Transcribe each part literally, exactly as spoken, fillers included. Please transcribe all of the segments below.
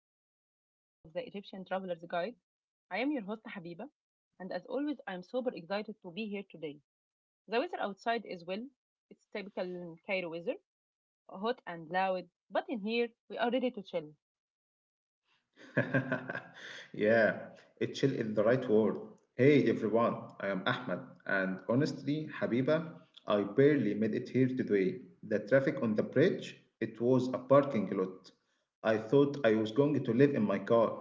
to another episode of the Egyptian Traveler's Guide. I am your host Habiba, and as always, I am super excited to be here today. The weather outside is well, it's typical Cairo weather, hot and loud, but in here we are ready to chill. Yeah, it chill is the right word. Hey everyone, I am Ahmed, and honestly, Habiba, I barely made it here today. The traffic on the bridge, it was a parking lot. I thought I was going to live in my car.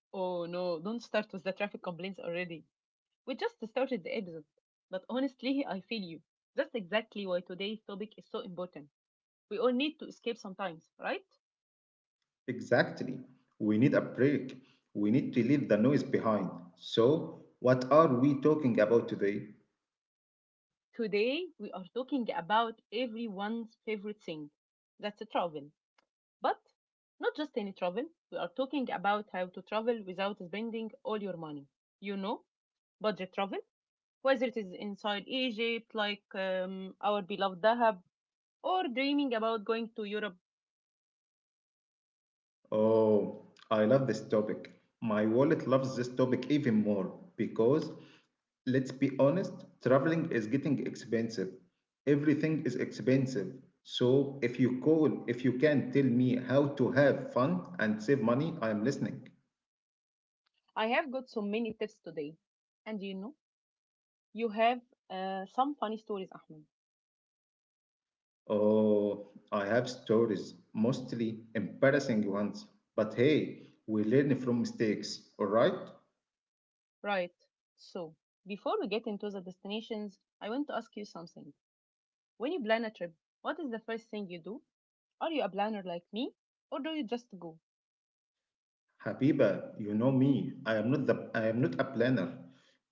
Oh no, don't start with the traffic complaints already. We just started the episode, but honestly, I feel you. That's exactly why today's topic is so important. We all need to escape sometimes, right? Exactly. We need a break. We need to leave the noise behind. So, what are we talking about today? Today, we are talking about everyone's favorite thing, that's travel. But not just any travel, we are talking about how to travel without spending all your money. You know, budget travel, whether it is inside Egypt, like um, our beloved Dahab, or dreaming about going to Europe. Oh, I love this topic. My wallet loves this topic even more because, let's be honest, traveling is getting expensive. Everything is expensive. So if you call, if you can tell me how to have fun and save money, I am listening. I have got so many tips today. And you know, you have uh, some funny stories, Ahmed. Oh, I have stories, mostly embarrassing ones. But hey, we learn from mistakes, all right? Right. So, before we get into the destinations, I want to ask you something. When you plan a trip, what is the first thing you do? Are you a planner like me, or do you just go? Habiba, you know me. I am not the I am not a planner.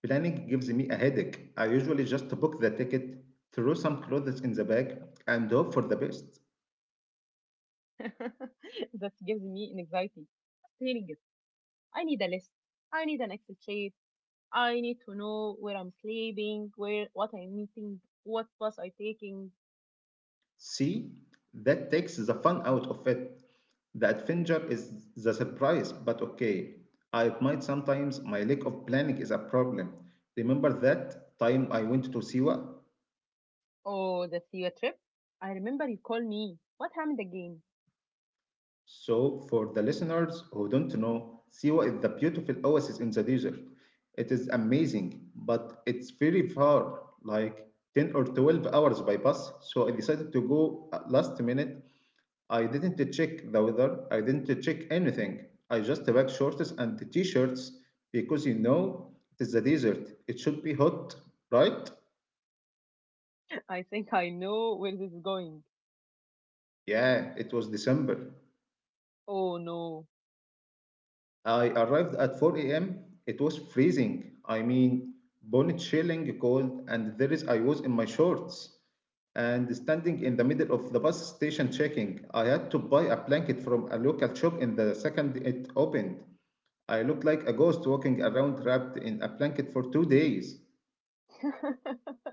Planning gives me a headache. I usually just book the ticket, throw some clothes in the bag, and hope for the best. That gives me an anxiety. Just hearing it, I need a list. I need an Excel sheet. I need to know where I'm sleeping, where what I'm eating, what bus I'm taking. See, that takes the fun out of it. The adventure is the surprise, but okay. I admit sometimes my lack of planning is a problem. Remember that time I went to Siwa? Oh, the theater trip. I remember you called me. What happened again? So, for the listeners who don't know, Siwa is the beautiful oasis in the desert. It is amazing, but it's very far, like ten or twelve hours by bus. So, I decided to go at last minute. I didn't check the weather, I didn't check anything. I just packed shorts and the t shirts because you know it is the desert. It should be hot, right? I think I know where this is going. Yeah, it was December. Oh no. I arrived at four a m. It was freezing. I mean, bone chilling cold, and there is I was in my shorts and standing in the middle of the bus station checking. I had to buy a blanket from a local shop in the second it opened. I looked like a ghost walking around wrapped in a blanket for two days.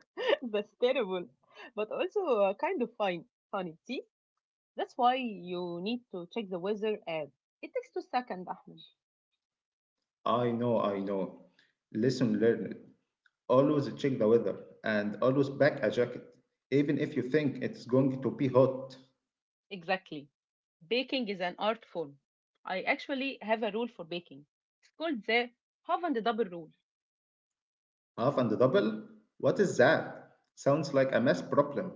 That's terrible, but also uh, kind of fine, funny. See, that's why you need to check the weather app. It takes two seconds, Ahmed. I know, I know. Lesson learned. Always check the weather and always pack a jacket, even if you think it's going to be hot. Exactly. Baking is an art form. I actually have a rule for baking. It's called the half and double rule. Half and double? What is that? Sounds like a math problem.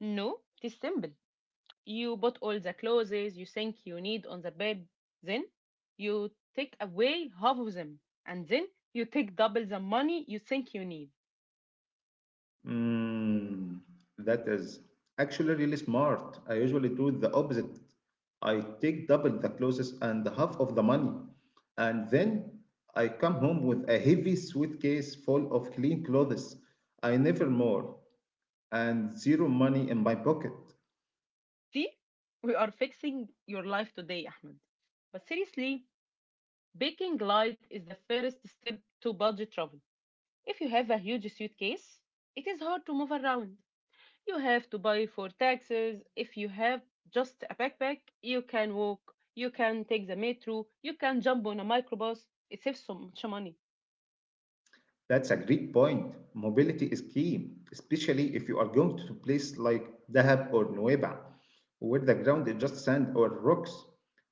No, it is simple. You bought all the clothes you think you need on the bed, then you take away half of them, and then you take double the money you think you need. Mm, that is actually really smart. I usually do the opposite. I take double the clothes and half of the money, and then I come home with a heavy suitcase full of clean clothes. I never more, and zero money in my pocket. See? We are fixing your life today, Ahmed. But seriously, baking light is the first step to budget travel. If you have a huge suitcase, it is hard to move around. You have to pay for taxes. If you have just a backpack, you can walk, you can take the metro, you can jump on a microbus. It saves so much money. That's a great point. Mobility is key, especially if you are going to place like Dahab or Nueva, where the ground is just sand or rocks.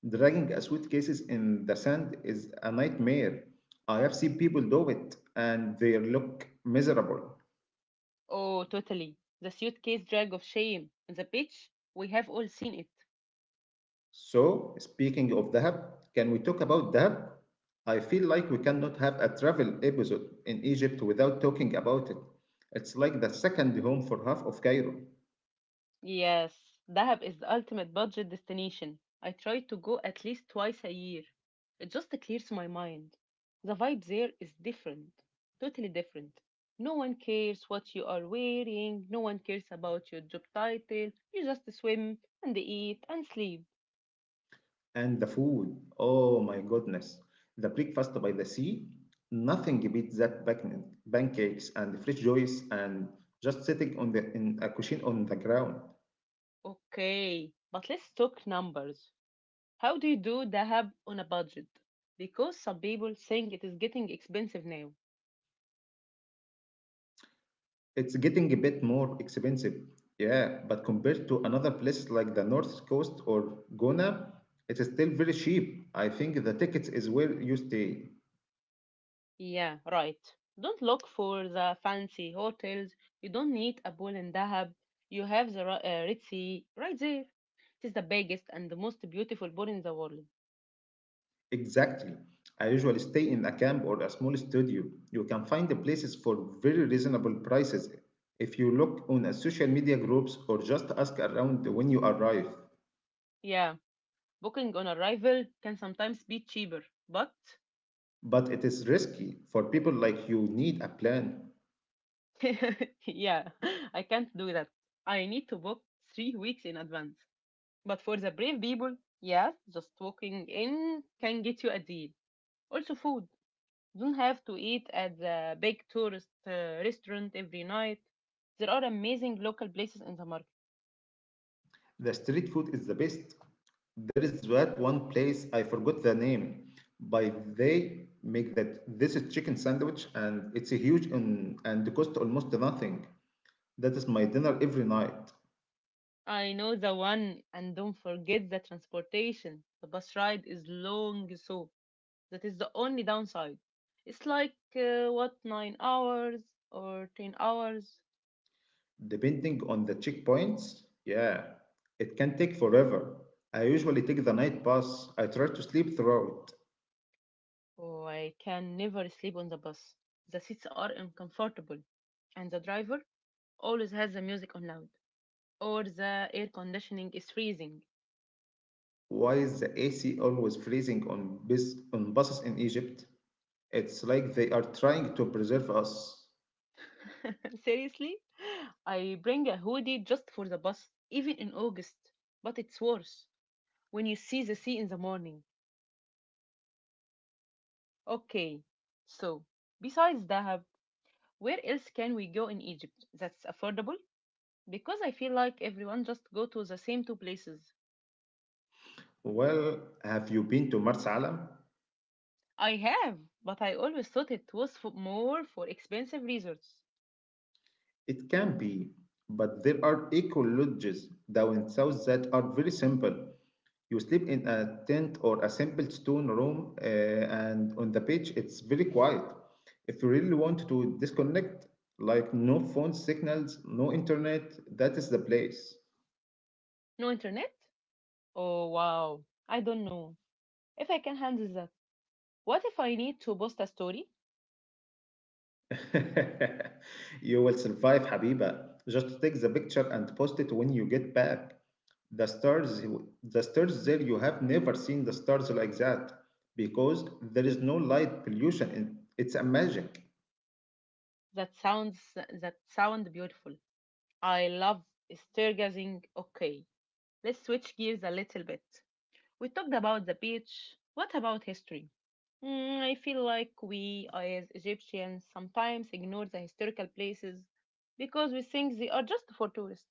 Dragging a suitcases in the sand is a nightmare. I have seen people do it and they look miserable. Oh, totally. The suitcase drag of shame on the beach, we have all seen it. So, speaking of Dahab, can we talk about Dahab? I feel like we cannot have a travel episode in Egypt without talking about it. It's like the second home for half of Cairo. Yes, Dahab is the ultimate budget destination. I try to go at least twice a year. It just clears my mind. The vibe there is different, totally different. No one cares what you are wearing, no one cares about your job title. You just swim and eat and sleep. And the food, oh my goodness. The breakfast by the sea, nothing beats that back- pancakes and fresh joys and just sitting on the in a cushion on the ground. Okay, but let's talk numbers. How do you do Dahab on a budget? Because some people think it is getting expensive now. It's getting a bit more expensive. Yeah, but compared to another place like the North Coast or Gona, it's still very cheap. I think the tickets is where you stay. Yeah, right. Don't look for the fancy hotels. You don't need a pool in Dahab. You have the Ra- uh, Red Sea right there. It is the biggest and the most beautiful pool in the world. Exactly. I usually stay in a camp or a small studio. You can find the places for very reasonable prices if you look on a social media groups or just ask around when you arrive. Yeah, booking on arrival can sometimes be cheaper, but But it is risky for people like you need a plan. yeah, I can't do that. I need to book three weeks in advance. But for the brave people, yes, just walking in can get you a deal. Also, food. Don't have to eat at the big tourist uh, restaurant every night. There are amazing local places in the market. The street food is the best. There is that one place I forgot the name, but they make that this is chicken sandwich and it's a huge and, and cost almost nothing. That is my dinner every night. I know the one, and don't forget the transportation. The bus ride is long, so that is the only downside. It's like uh, what, nine hours or ten hours. Depending on the checkpoints, yeah, it can take forever. I usually take the night bus. I try to sleep throughout. Oh, I can never sleep on the bus. The seats are uncomfortable, and the driver always has the music on loud, or the air conditioning is freezing. Why is the A C always freezing on bus on buses in Egypt? It's like they are trying to preserve us. Seriously, I bring a hoodie just for the bus, even in August. But it's worse when you see the sea in the morning. Okay, so besides Dahab, where else can we go in Egypt that's affordable? Because I feel like everyone just go to the same two places. Well, have you been to Mars Alam? I have, but I always thought it was for more for expensive resorts. It can be, but there are eco lodges down south that are very simple. You sleep in a tent or a simple stone room, uh, and on the beach, it's very quiet. If you really want to disconnect, like no phone signals, no internet, that is the place. No internet? Oh wow, I don't know if I can handle that. What if I need to post a story? You will survive, Habiba. Just take the picture and post it when you get back. The stars, the stars there, you have never seen the stars like that because there is no light pollution. And It's a magic. That sounds that sound beautiful. I love stargazing. Okay, let's switch gears a little bit. We talked about the beach. What about history? Mm, I feel like we as Egyptians sometimes ignore the historical places because we think they are just for tourists.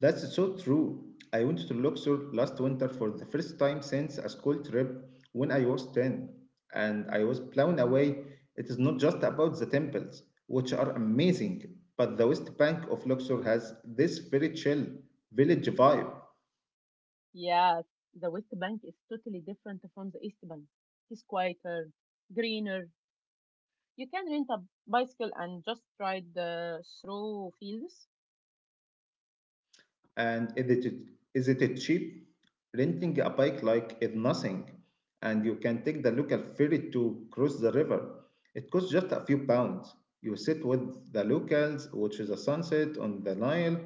That's so true. I went to Luxor last winter for the first time since a school trip when I was ten, and I was blown away. It is not just about the temples, which are amazing, but the West Bank of Luxor has this very chill village vibe. Yes, the West Bank is totally different from the East Bank. It's quieter, greener. You can rent a bicycle and just ride uh, through fields. And is it, is it cheap? Renting a bike like is nothing, and you can take the local ferry to cross the river. It costs just a few pounds. You sit with the locals, watch the sunset on the Nile.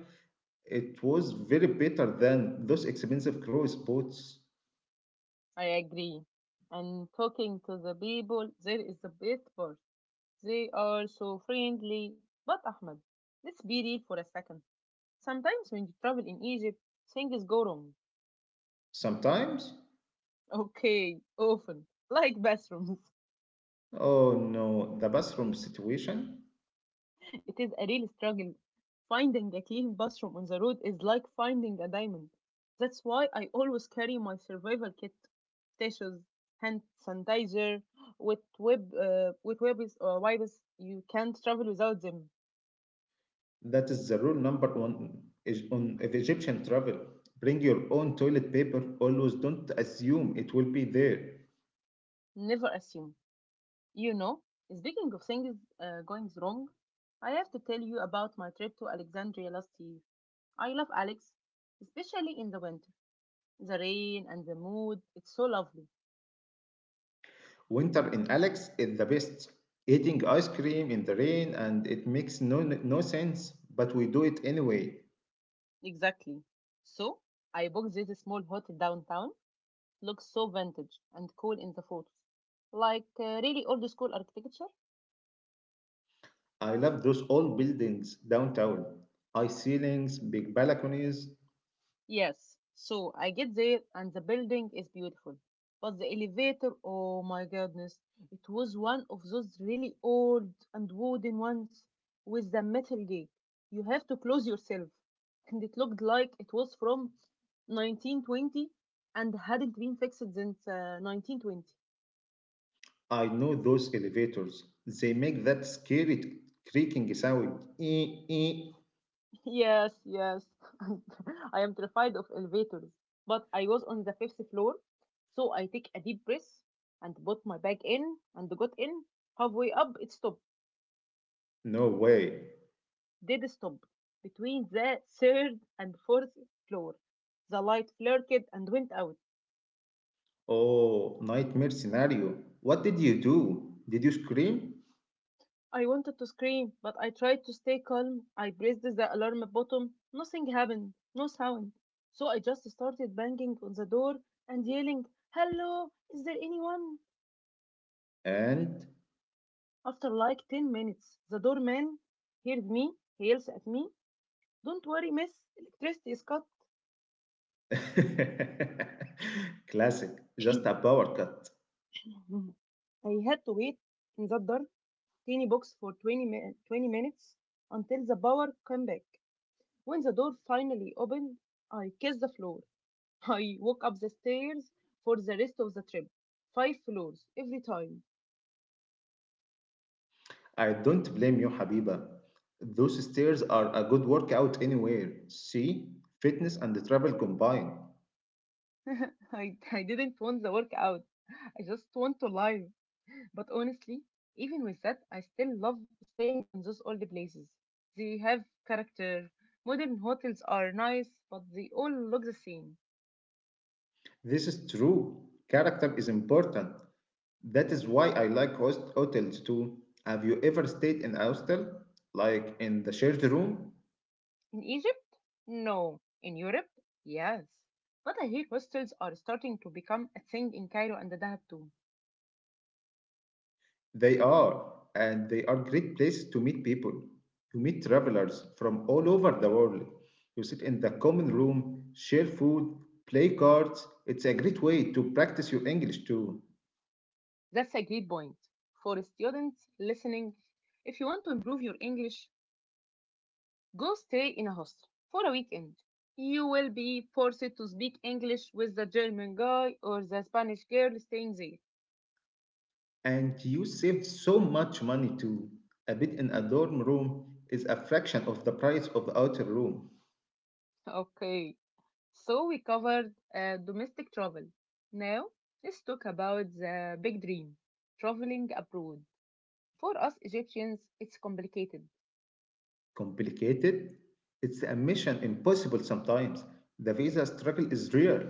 It was very better than those expensive cruise boats. I agree. And talking to the people there is the best part. They are so friendly. But Ahmed, let's be real for a second. Sometimes when you travel in Egypt, things go wrong. Sometimes, Okay, often. Like bathrooms. oh no, the bathroom situation. It is a real struggle. Finding a clean bathroom on the road is like finding a diamond. That's why I always carry my survival kit. Tissues, hand sanitizer, with web, uh, with webs or wipes. You can't travel without them. That is the rule number one is on of Egyptian travel. Bring your own toilet paper. Always don't assume it will be there. Never assume. You know, speaking of things uh, going wrong, I have to tell you about my trip to Alexandria last year. I love Alex, especially in the winter. The rain and the mood, it's so lovely. Winter in Alex is the best. Eating ice cream in the rain and it makes no, no sense, but we do it anyway. Exactly. So, I booked this small hotel downtown. Looks so vintage and cool in the photos. Like uh, really old school architecture. I love those old buildings downtown. High ceilings, big balconies. Yes, so I get there and the building is beautiful. But the elevator, oh my goodness, it was one of those really old and wooden ones with the metal gate. You have to close yourself. And it looked like it was from nineteen twenty and hadn't been fixed since uh, nineteen twenty. I know those elevators. They make that scary creaking sound. Eh, eh. Yes, yes. I am terrified of elevators, but I was on the fifth floor, so I take a deep breath and put my bag in and got in. Halfway up, it stopped, No way. did stop between the third and fourth floor. The light flickered and went out. Oh, nightmare scenario. What did you do? Did you scream? I wanted to scream, but I tried to stay calm. I pressed the alarm button. Nothing happened, no sound. So I just started banging on the door and yelling, "Hello, is there anyone?" And After like ten minutes, the doorman heard me. He yells at me, "Don't worry, miss, electricity is cut." classic, just a power cut. I had to wait in that dark, tiny box for twenty, mi- twenty minutes until the power came back. When the door finally opened, I kissed the floor. I walk up the stairs for the rest of the trip. Five floors every time. I don't blame you, Habiba. Those stairs are a good workout anywhere. See, fitness and travel combined. I, I didn't want the workout. I just want to live. But honestly, even with that, I still love staying in those old places. They have character. Modern hotels are nice, but they all look the same. This is true. Character is important. That is why I like host hotels too. Have you ever stayed in a hostel? Like in the shared room? In Egypt? No. In Europe? Yes. But I hear hostels are starting to become a thing in Cairo and Dahab too. They are, and they are great places to meet people. You meet travelers from all over the world. You sit in the common room, share food, play cards. It's a great way to practice your English too. That's a great point. For students listening, if you want to improve your English, go stay in a hostel for a weekend. You will be forced to speak English with the German guy or the Spanish girl staying there. And you saved so much money too. A bed in a dorm room is a fraction of the price of the outer room. Okay, so we covered uh, domestic travel. Now, let's talk about the big dream, traveling abroad. For us Egyptians, it's complicated. Complicated? It's a mission impossible sometimes. The visa struggle is real.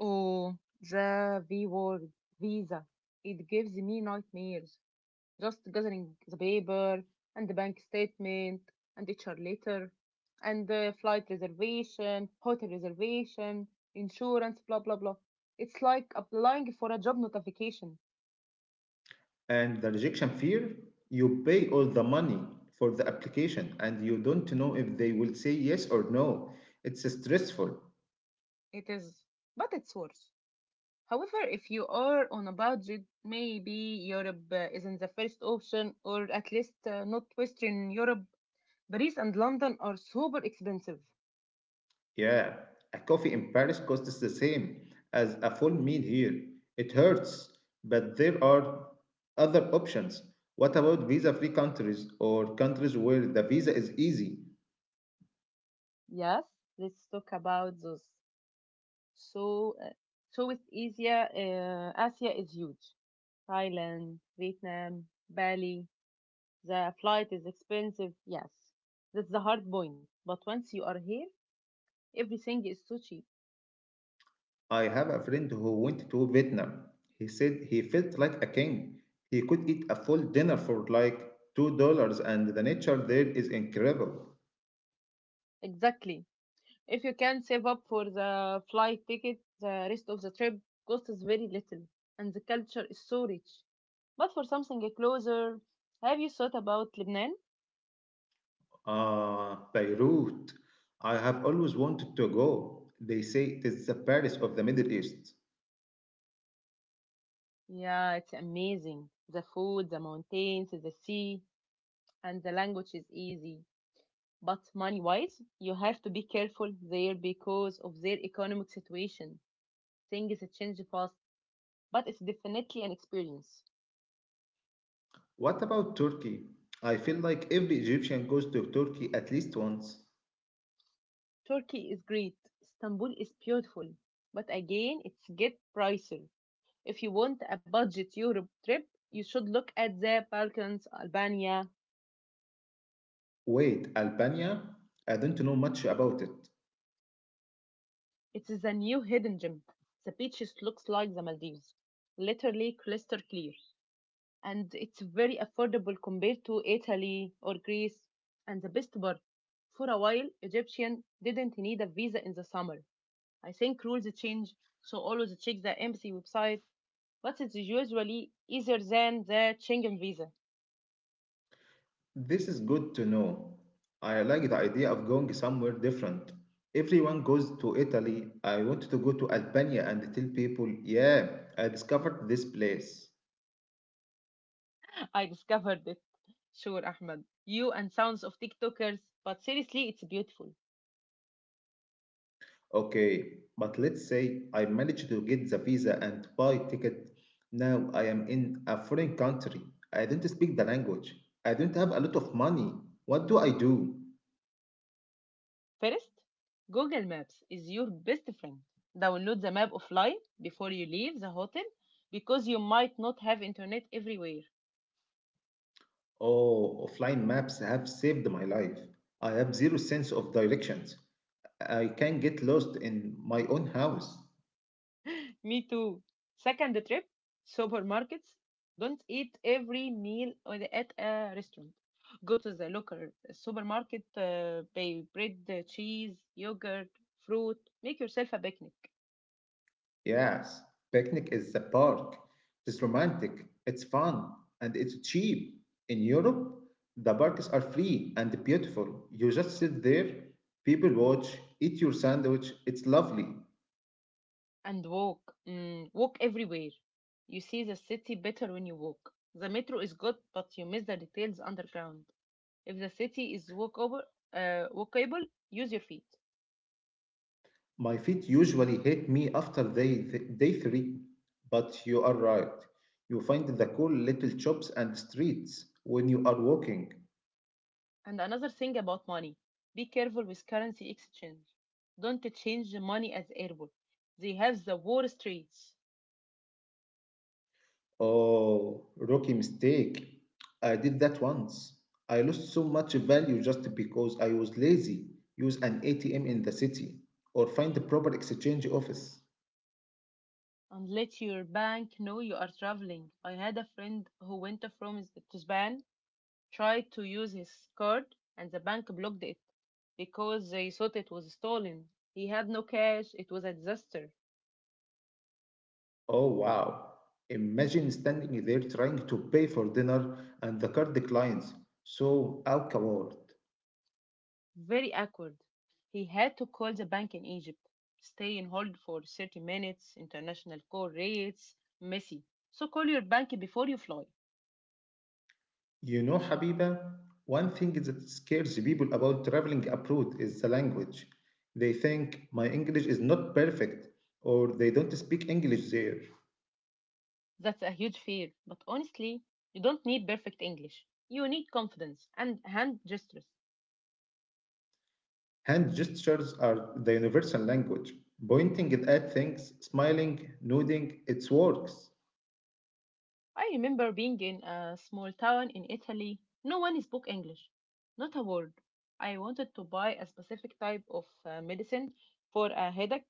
Oh, the V word, visa. It gives me nightmares. Just gathering the paper and the bank statement and H R letter and the flight reservation, hotel reservation, insurance, blah blah blah. It's like applying for a job notification. And the rejection fear? You pay all the money for the application and you don't know if they will say yes or no. It's stressful. It is, but it's worse. However, if you are on a budget, maybe Europe uh, isn't the first option, or at least uh, not Western Europe. Paris and London are super expensive. Yeah, a coffee in Paris costs the same as a full meal here. It hurts, but there are other options. What about visa free countries or countries where the visa is easy? Yes, let's talk about those. So, uh, Southeast Asia, uh, Asia is huge. Thailand, Vietnam, Bali. The flight is expensive, yes. That's the hard point. But once you are here, everything is so cheap. I have a friend who went to Vietnam. He said he felt like a king. He could eat a full dinner for like two dollars and the nature there is incredible. Exactly. If you can save up for the flight ticket, the rest of the trip costs very little, and the culture is so rich. But for something closer, have you thought about Lebanon? Ah, Beirut. I have always wanted to go. They say it is the Paris of the Middle East. Yeah, it's amazing. The food, the mountains, the sea, and the language is easy. But money wise, you have to be careful there because of their economic situation. Things change fast, but it's definitely an experience. What about Turkey? I feel like every Egyptian goes to Turkey at least once. Turkey is great, Istanbul is beautiful, but again, it's get pricier. If you want a budget Europe trip, you should look at the Balkans, Albania. Wait, Albania? I don't know much about it. It is a new hidden gem. The beaches looks like the Maldives, literally crystal clear. And it's very affordable compared to Italy or Greece. And the best part, for a while, Egyptian didn't need a visa in the summer. I think rules change, so always check the embassy website, but it's usually easier than the Schengen visa. This is good to know. I like the idea of going somewhere different. Everyone goes to Italy. I want to go to Albania and tell people, yeah, I discovered this place. I discovered it. Sure, Ahmed. You and sounds of TikTokers, but seriously, it's beautiful. Okay, but let's say I managed to get the visa and buy ticket. Now I am in a foreign country. I don't speak the language. I don't have a lot of money. What do I do? First, Google Maps is your best friend. Download the map offline before you leave the hotel because you might not have internet everywhere. Oh, offline maps have saved my life. I have zero sense of directions. I can get lost in my own house. Me too. Second trip, supermarkets. Don't eat every meal at a restaurant. Go to the local supermarket, uh, buy bread, uh, cheese, yogurt, fruit. Make yourself a picnic. Yes, picnic is the park. It's romantic, it's fun, and it's cheap. In Europe, the parks are free and beautiful. You just sit there, people watch, eat your sandwich. It's lovely. And walk. Mm, walk everywhere. You see the city better when you walk. The metro is good, but you miss the details underground. If the city is walkable, uh, walkable, use your feet. My feet usually hate me after day, day three, but you are right. You find the cool little shops and streets when you are walking. And another thing about money, be careful with currency exchange. Don't change the money as airport. They have the war streets. Oh, rookie mistake. I did that once. I lost so much value just because I was lazy. Use an A T M in the city or find the proper exchange office. And let your bank know you are traveling. I had a friend who went from to Spain, tried to use his card, and the bank blocked it because they thought it was stolen. He had no cash. It was a disaster. Oh, wow. Imagine standing there trying to pay for dinner and the card declines. So awkward. Very awkward. He had to call the bank in Egypt, stay in hold for thirty minutes, international call rates, messy. So call your bank before you fly. You know, Habiba, one thing that scares people about traveling abroad is the language. They think my English is not perfect or they don't speak English there. That's a huge fear. But honestly, you don't need perfect English. You need confidence and hand gestures. Hand gestures are the universal language. Pointing at things, smiling, nodding, it works. I remember being in a small town in Italy. No one spoke English, not a word. I wanted to buy a specific type of uh, medicine for a headache.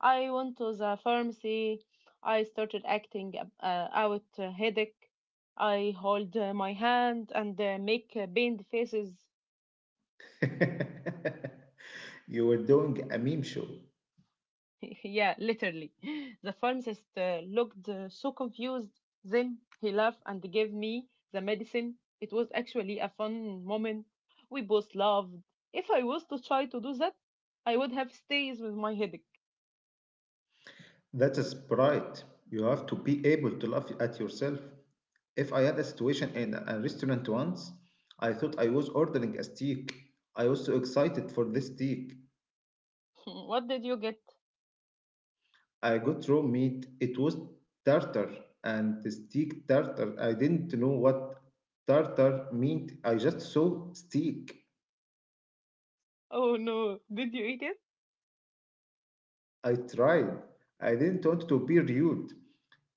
I went to the pharmacy. I started acting uh, out a headache. I hold uh, my hand and uh, make uh, pained faces. You were doing a meme show. Yeah, literally. The pharmacist uh, looked uh, so confused. Then he laughed and gave me the medicine. It was actually a fun moment. We both laughed. If I was to try to do that, I would have stays with my headache. That is bright. You have to be able to laugh at yourself. If I had a situation in a restaurant once, I thought I was ordering a steak. I was so excited for this steak. What did you get? I got raw meat. It was tartar and steak tartar. I didn't know what tartar meant. I just saw steak. Oh no, did you eat it? I tried. I didn't want to be rude.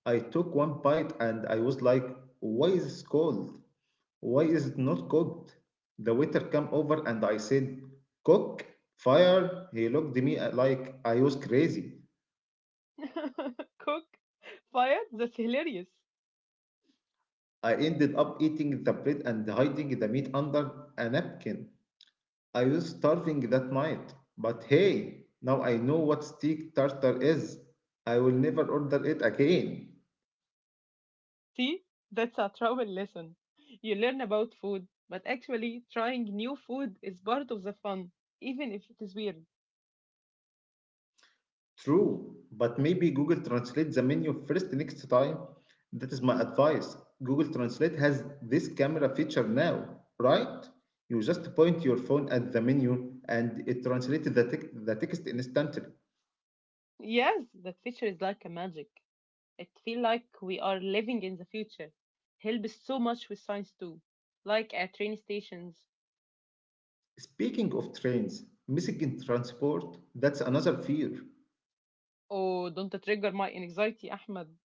I took one bite and I was like, why is it cold? Why is it not cooked? The waiter came over and I said, cook, fire. He looked at me like I was crazy. Cook? Fire? That's hilarious. I ended up eating the bread and hiding the meat under a napkin. I was starving that night, but hey, now I know what steak tartar is. I will never order it again. See, that's a travel lesson. You learn about food, but actually trying new food is part of the fun, even if it is weird. True, but maybe Google Translate the menu first next time. That is my advice. Google Translate has this camera feature now, right? You just point your phone at the menu and it translates the, tec- the text instantly. Yes, that feature is like a magic. It feel like we are living in the future. Helps so much with science too, like at train stations. Speaking of trains, missing in transport, that's another fear. Oh, don't trigger my anxiety, Ahmed.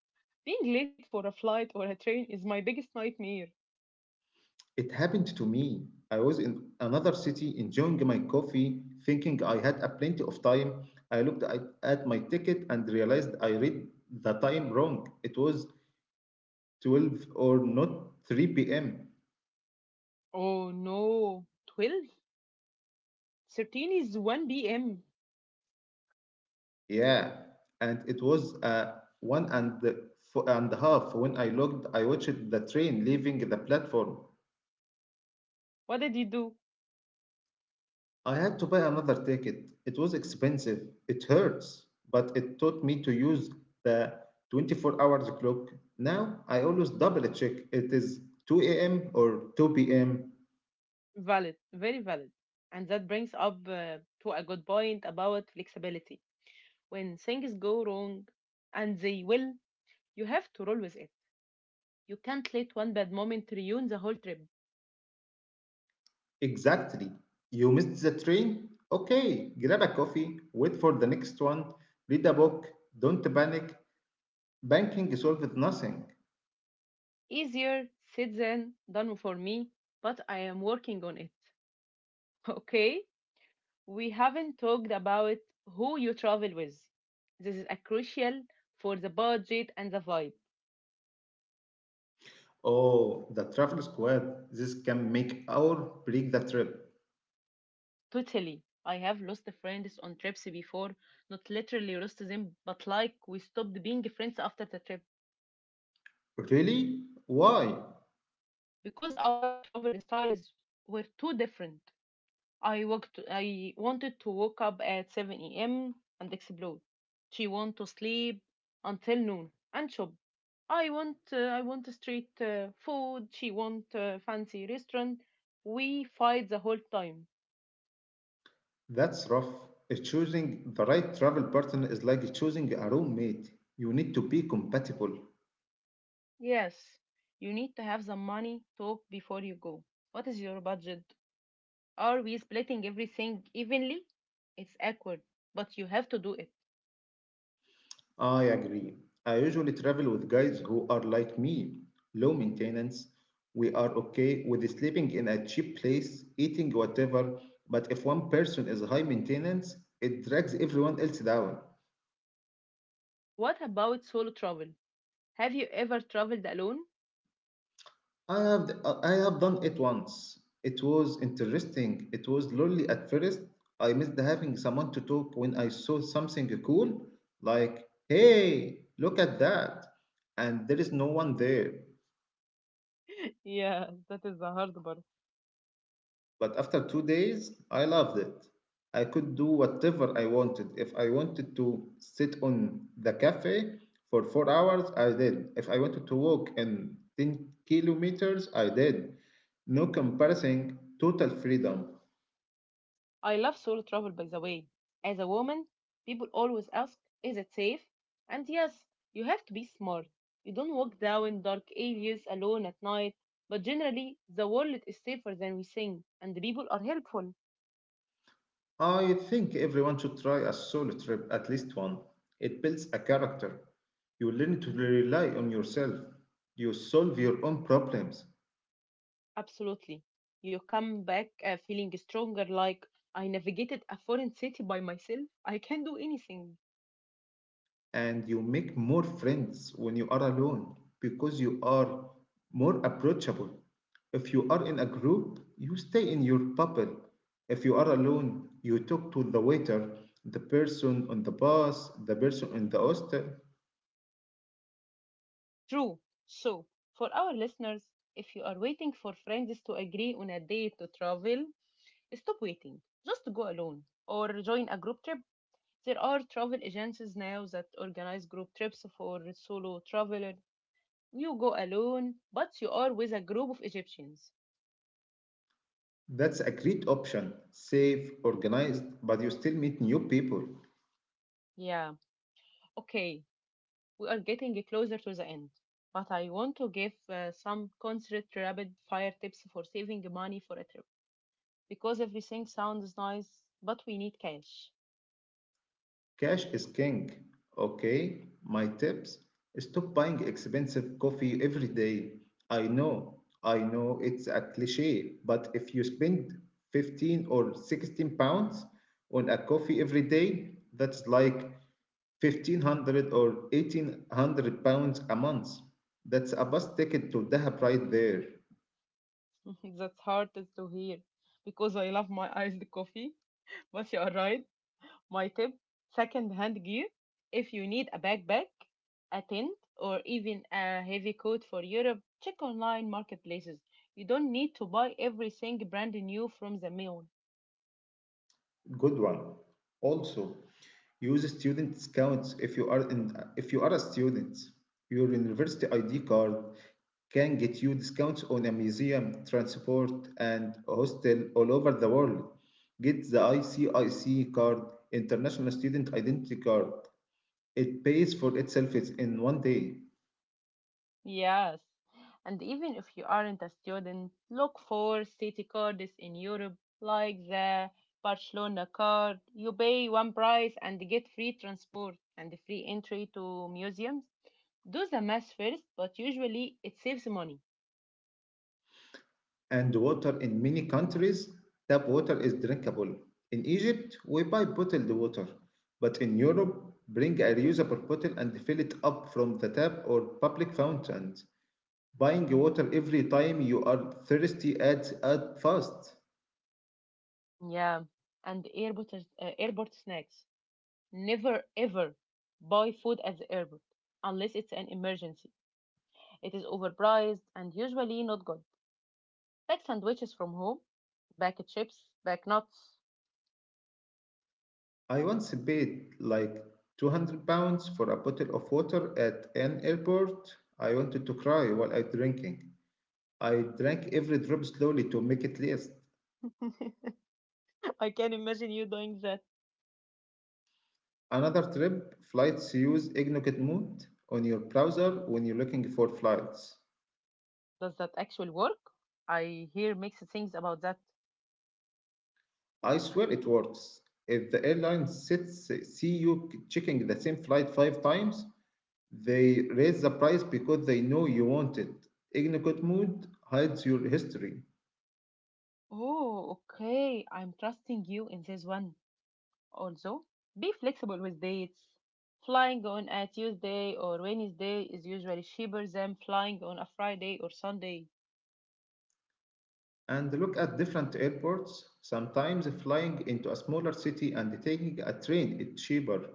Being late for a flight or a train is my biggest nightmare. It happened to me. I was in another city enjoying my coffee, thinking I had a plenty of time. I looked at, at my ticket and realized I read the time wrong. It was twelve or not three p m. Oh no, twelve? thirteen is one p m. Yeah, and it was uh, one and, f- and a half. When I looked, I watched the train leaving the platform. What did you do? I had to buy another ticket. It was expensive. It hurts, but it taught me to use the twenty-four hours clock. Now I always double check it is two a m or two p m. Valid, very valid. And that brings up uh, to a good point about flexibility. When things go wrong, and they will, you have to roll with it. You can't let one bad moment ruin the whole trip. Exactly. You missed the train? Okay, grab a coffee, wait for the next one, read a book, don't panic. Banking solves nothing. Easier said than done for me, but I am working on it. Okay? We haven't talked about who you travel with. This is a crucial for the budget and the vibe. Oh, the travel squad. This can make or break the trip. Totally. I have lost friends on trips before, not literally lost them, but like we stopped being friends after the trip Really? Why? because our travel styles were too different. I walked. I wanted to wake up at seven a m and explode. She want to sleep until noon and shop. I want. Uh, I want street uh, food. She want uh, fancy restaurant. We fight the whole time. That's rough. Uh, Choosing the right travel partner is like choosing a roommate. You need to be compatible. Yes, you need to have the money talk before you go. What is your budget? Are we splitting everything evenly? It's awkward, but you have to do it. I agree. I usually travel with guys who are like me, low maintenance. We are okay with sleeping in a cheap place, eating whatever, but if one person is high maintenance, it drags everyone else down. What about solo travel? Have you ever traveled alone? I have I have done it once. It was interesting. It was lonely at first. I missed having someone to talk when I saw something cool, like, hey, look at that. And there is no one there. Yeah, that is the hard part. But after two days, I loved it. I could do whatever I wanted. If I wanted to sit on the cafe for four hours, I did. If I wanted to walk in ten kilometers, I did. No comparison, total freedom. I love solo travel, by the way. As a woman, people always ask, is it safe? And yes, you have to be smart. You don't walk down dark alleys alone at night, but generally, the world is safer than we think, and the people are helpful. I think everyone should try a solo trip, at least one. It builds a character. You learn to rely on yourself. You solve your own problems. Absolutely. You come back uh, feeling stronger, like I navigated a foreign city by myself. I can do anything. And you make more friends when you are alone because you are more approachable. If you are in a group, you stay in your bubble. If you are alone, you talk to the waiter, the person on the bus, the person in the hostel. True. So, for our listeners, if you are waiting for friends to agree on a date to travel, stop waiting. Just go alone or join a group trip. There are travel agencies now that organize group trips for solo traveler. You go alone, but you are with a group of Egyptians. That's a great option. Safe, organized, but you still meet new people. Yeah, okay, we are getting closer to the end. But I want to give uh, some concrete rapid fire tips for saving money for a trip. Because everything sounds nice, but we need cash. Cash is king. Okay, my tips stop buying expensive coffee every day. I know, I know it's a cliche, but if you spend fifteen or sixteen pounds on a coffee every day, that's like fifteen hundred or eighteen hundred pounds a month. That's a bus ticket to Dahab right there. That's hard to hear because I love my iced coffee. But you are right. My tip, second hand gear. If you need a backpack, a tent, or even a heavy coat for Europe, check online marketplaces. You don't need to buy everything brand new from the mall. Good one. Also, use student discounts if you are in, if you are a student. Your university I D card can get you discounts on a museum, transport, and hostel all over the world. Get the I C I C card, International Student Identity Card. It pays for itself in one day. Yes. And even if you aren't a student, look for city cards in Europe like the Barcelona card. You pay one price and get free transport and free entry to museums. Do the math first, but usually it saves money. And water in many countries, tap water is drinkable. In Egypt, we buy bottled water, but in Europe, bring a reusable bottle and fill it up from the tap or public fountain. Buying water every time you are thirsty adds up fast. Yeah, and airport is- uh, airport snacks. Never ever buy food at the airport unless it's an emergency. It is overpriced and usually not good. Pack sandwiches from home, pack chips, pack nuts. I once paid like two hundred pounds for a bottle of water at an airport. I wanted to cry while I drinking. I drank every drop slowly to make it last. I can imagine you doing that. Another trip, flights use Ignokit mode on your browser when you're looking for flights. Does that actually work? I hear mixed things about that. I swear it works. If the airline sits, see you checking the same flight five times, they raise the price because they know you want it. Ignokit mode hides your history. Oh, okay. I'm trusting you in this one. Also, be flexible with dates. Flying on a Tuesday or Wednesday is usually cheaper than flying on a Friday or Sunday. And look at different airports. Sometimes flying into a smaller city and taking a train is cheaper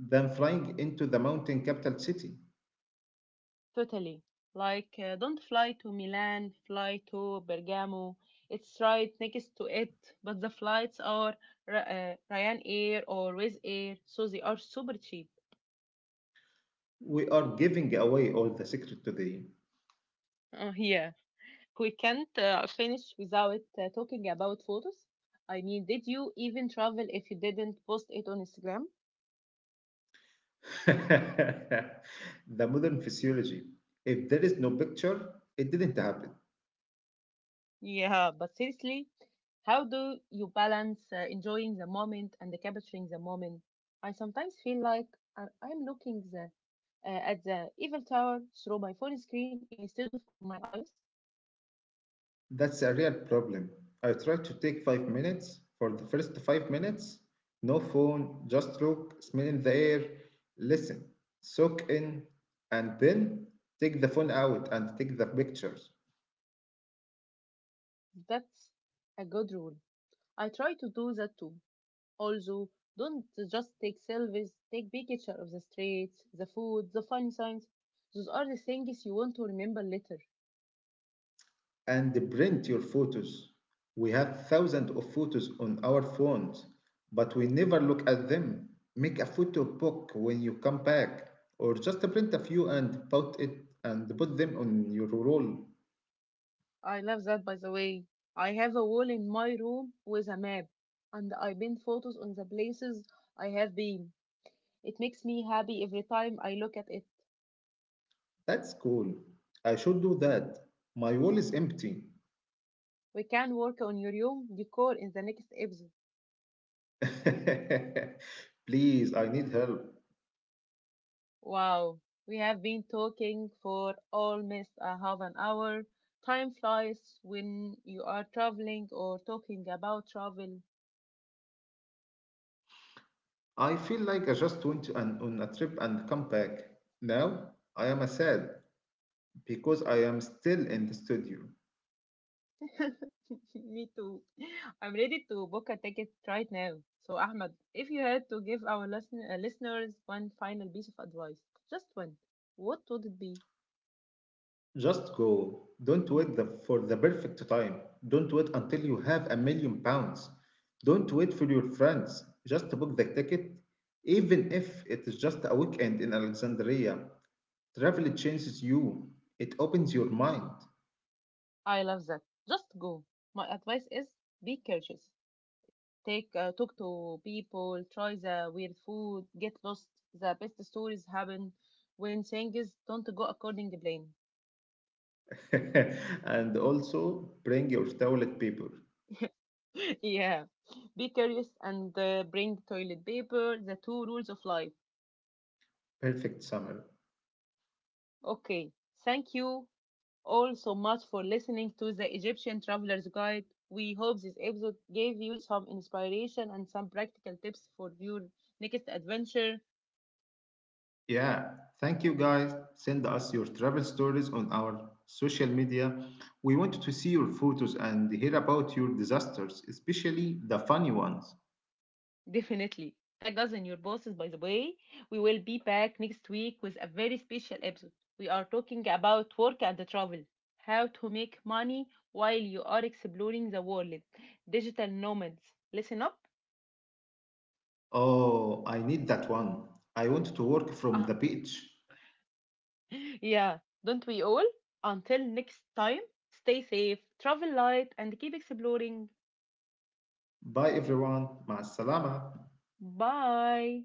than flying into the mountain capital city. Totally. Like, uh, don't fly to Milan, fly to Bergamo. It's right next to it, but the flights are uh, Ryanair or Wizz Air, so they are super cheap. We are giving away all the secret today. Uh, yeah, we can't uh, finish without uh, talking about photos. I mean, did you even travel if you didn't post it on Instagram? The modern physiology. If there is no picture, it didn't happen. Yeah, but seriously, how do you balance uh, enjoying the moment and capturing the moment? I sometimes feel like I- I'm looking the, uh, at the Eiffel Tower through my phone screen instead of on my eyes. That's a real problem. I tried to take five minutes. For the first five minutes, no phone, just look, smell in the air, listen, soak in, and then take the phone out and take the pictures. That's a good rule. I try to do that too. Also, don't just take selfies, take big picture of the streets, the food, the funny signs. Those are the things you want to remember later. And print your photos. We have thousands of photos on our phones, but we never look at them. Make a photo book when you come back, or just print a few and put it and put them on your wall. I love that, by the way. I have a wall in my room with a map, and I pin photos on the places I have been. It makes me happy every time I look at it. That's cool. I should do that. My wall is empty. We can work on your room decor in the next episode. Please, I need help. Wow, we have been talking for almost a half an hour. Time flies when you are traveling or talking about travel. I feel like I just went on, on a trip and come back. Now I am sad because I am still in the studio. Me too. I'm ready to book a ticket right now. So, Ahmed, if you had to give our listen- uh, listeners one final piece of advice, just one, what would it be? Just go. Don't wait the, for the perfect time. Don't wait until you have a million pounds. Don't wait for your friends. Just book the ticket, even if it is just a weekend in Alexandria. Travel changes you, it opens your mind. I love that. Just go. My advice is be courteous. Take uh, talk to people, try the weird food, get lost. The best stories happen when things don't go according to plan. And also bring your toilet paper. Yeah. Be curious and uh, bring toilet paper, the two rules of life. Perfect summer. Okay. Thank you all so much for listening to the Egyptian Traveler's Guide. We hope this episode gave you some inspiration and some practical tips for your next adventure. Yeah, thank you guys. Send us your travel stories on our social media. We want to see your photos and hear about your disasters, especially the funny ones. Definitely. Tag us in your posts, by the way. We will be back next week with a very special episode. We are talking about work and travel, how to make money while you are exploring the world, digital nomads. Listen up. Oh, I need that one. I want to work from Uh, the beach. yeah, don't we all? Until next time, stay safe, travel light, and keep exploring. Bye everyone. Ma salama. Bye.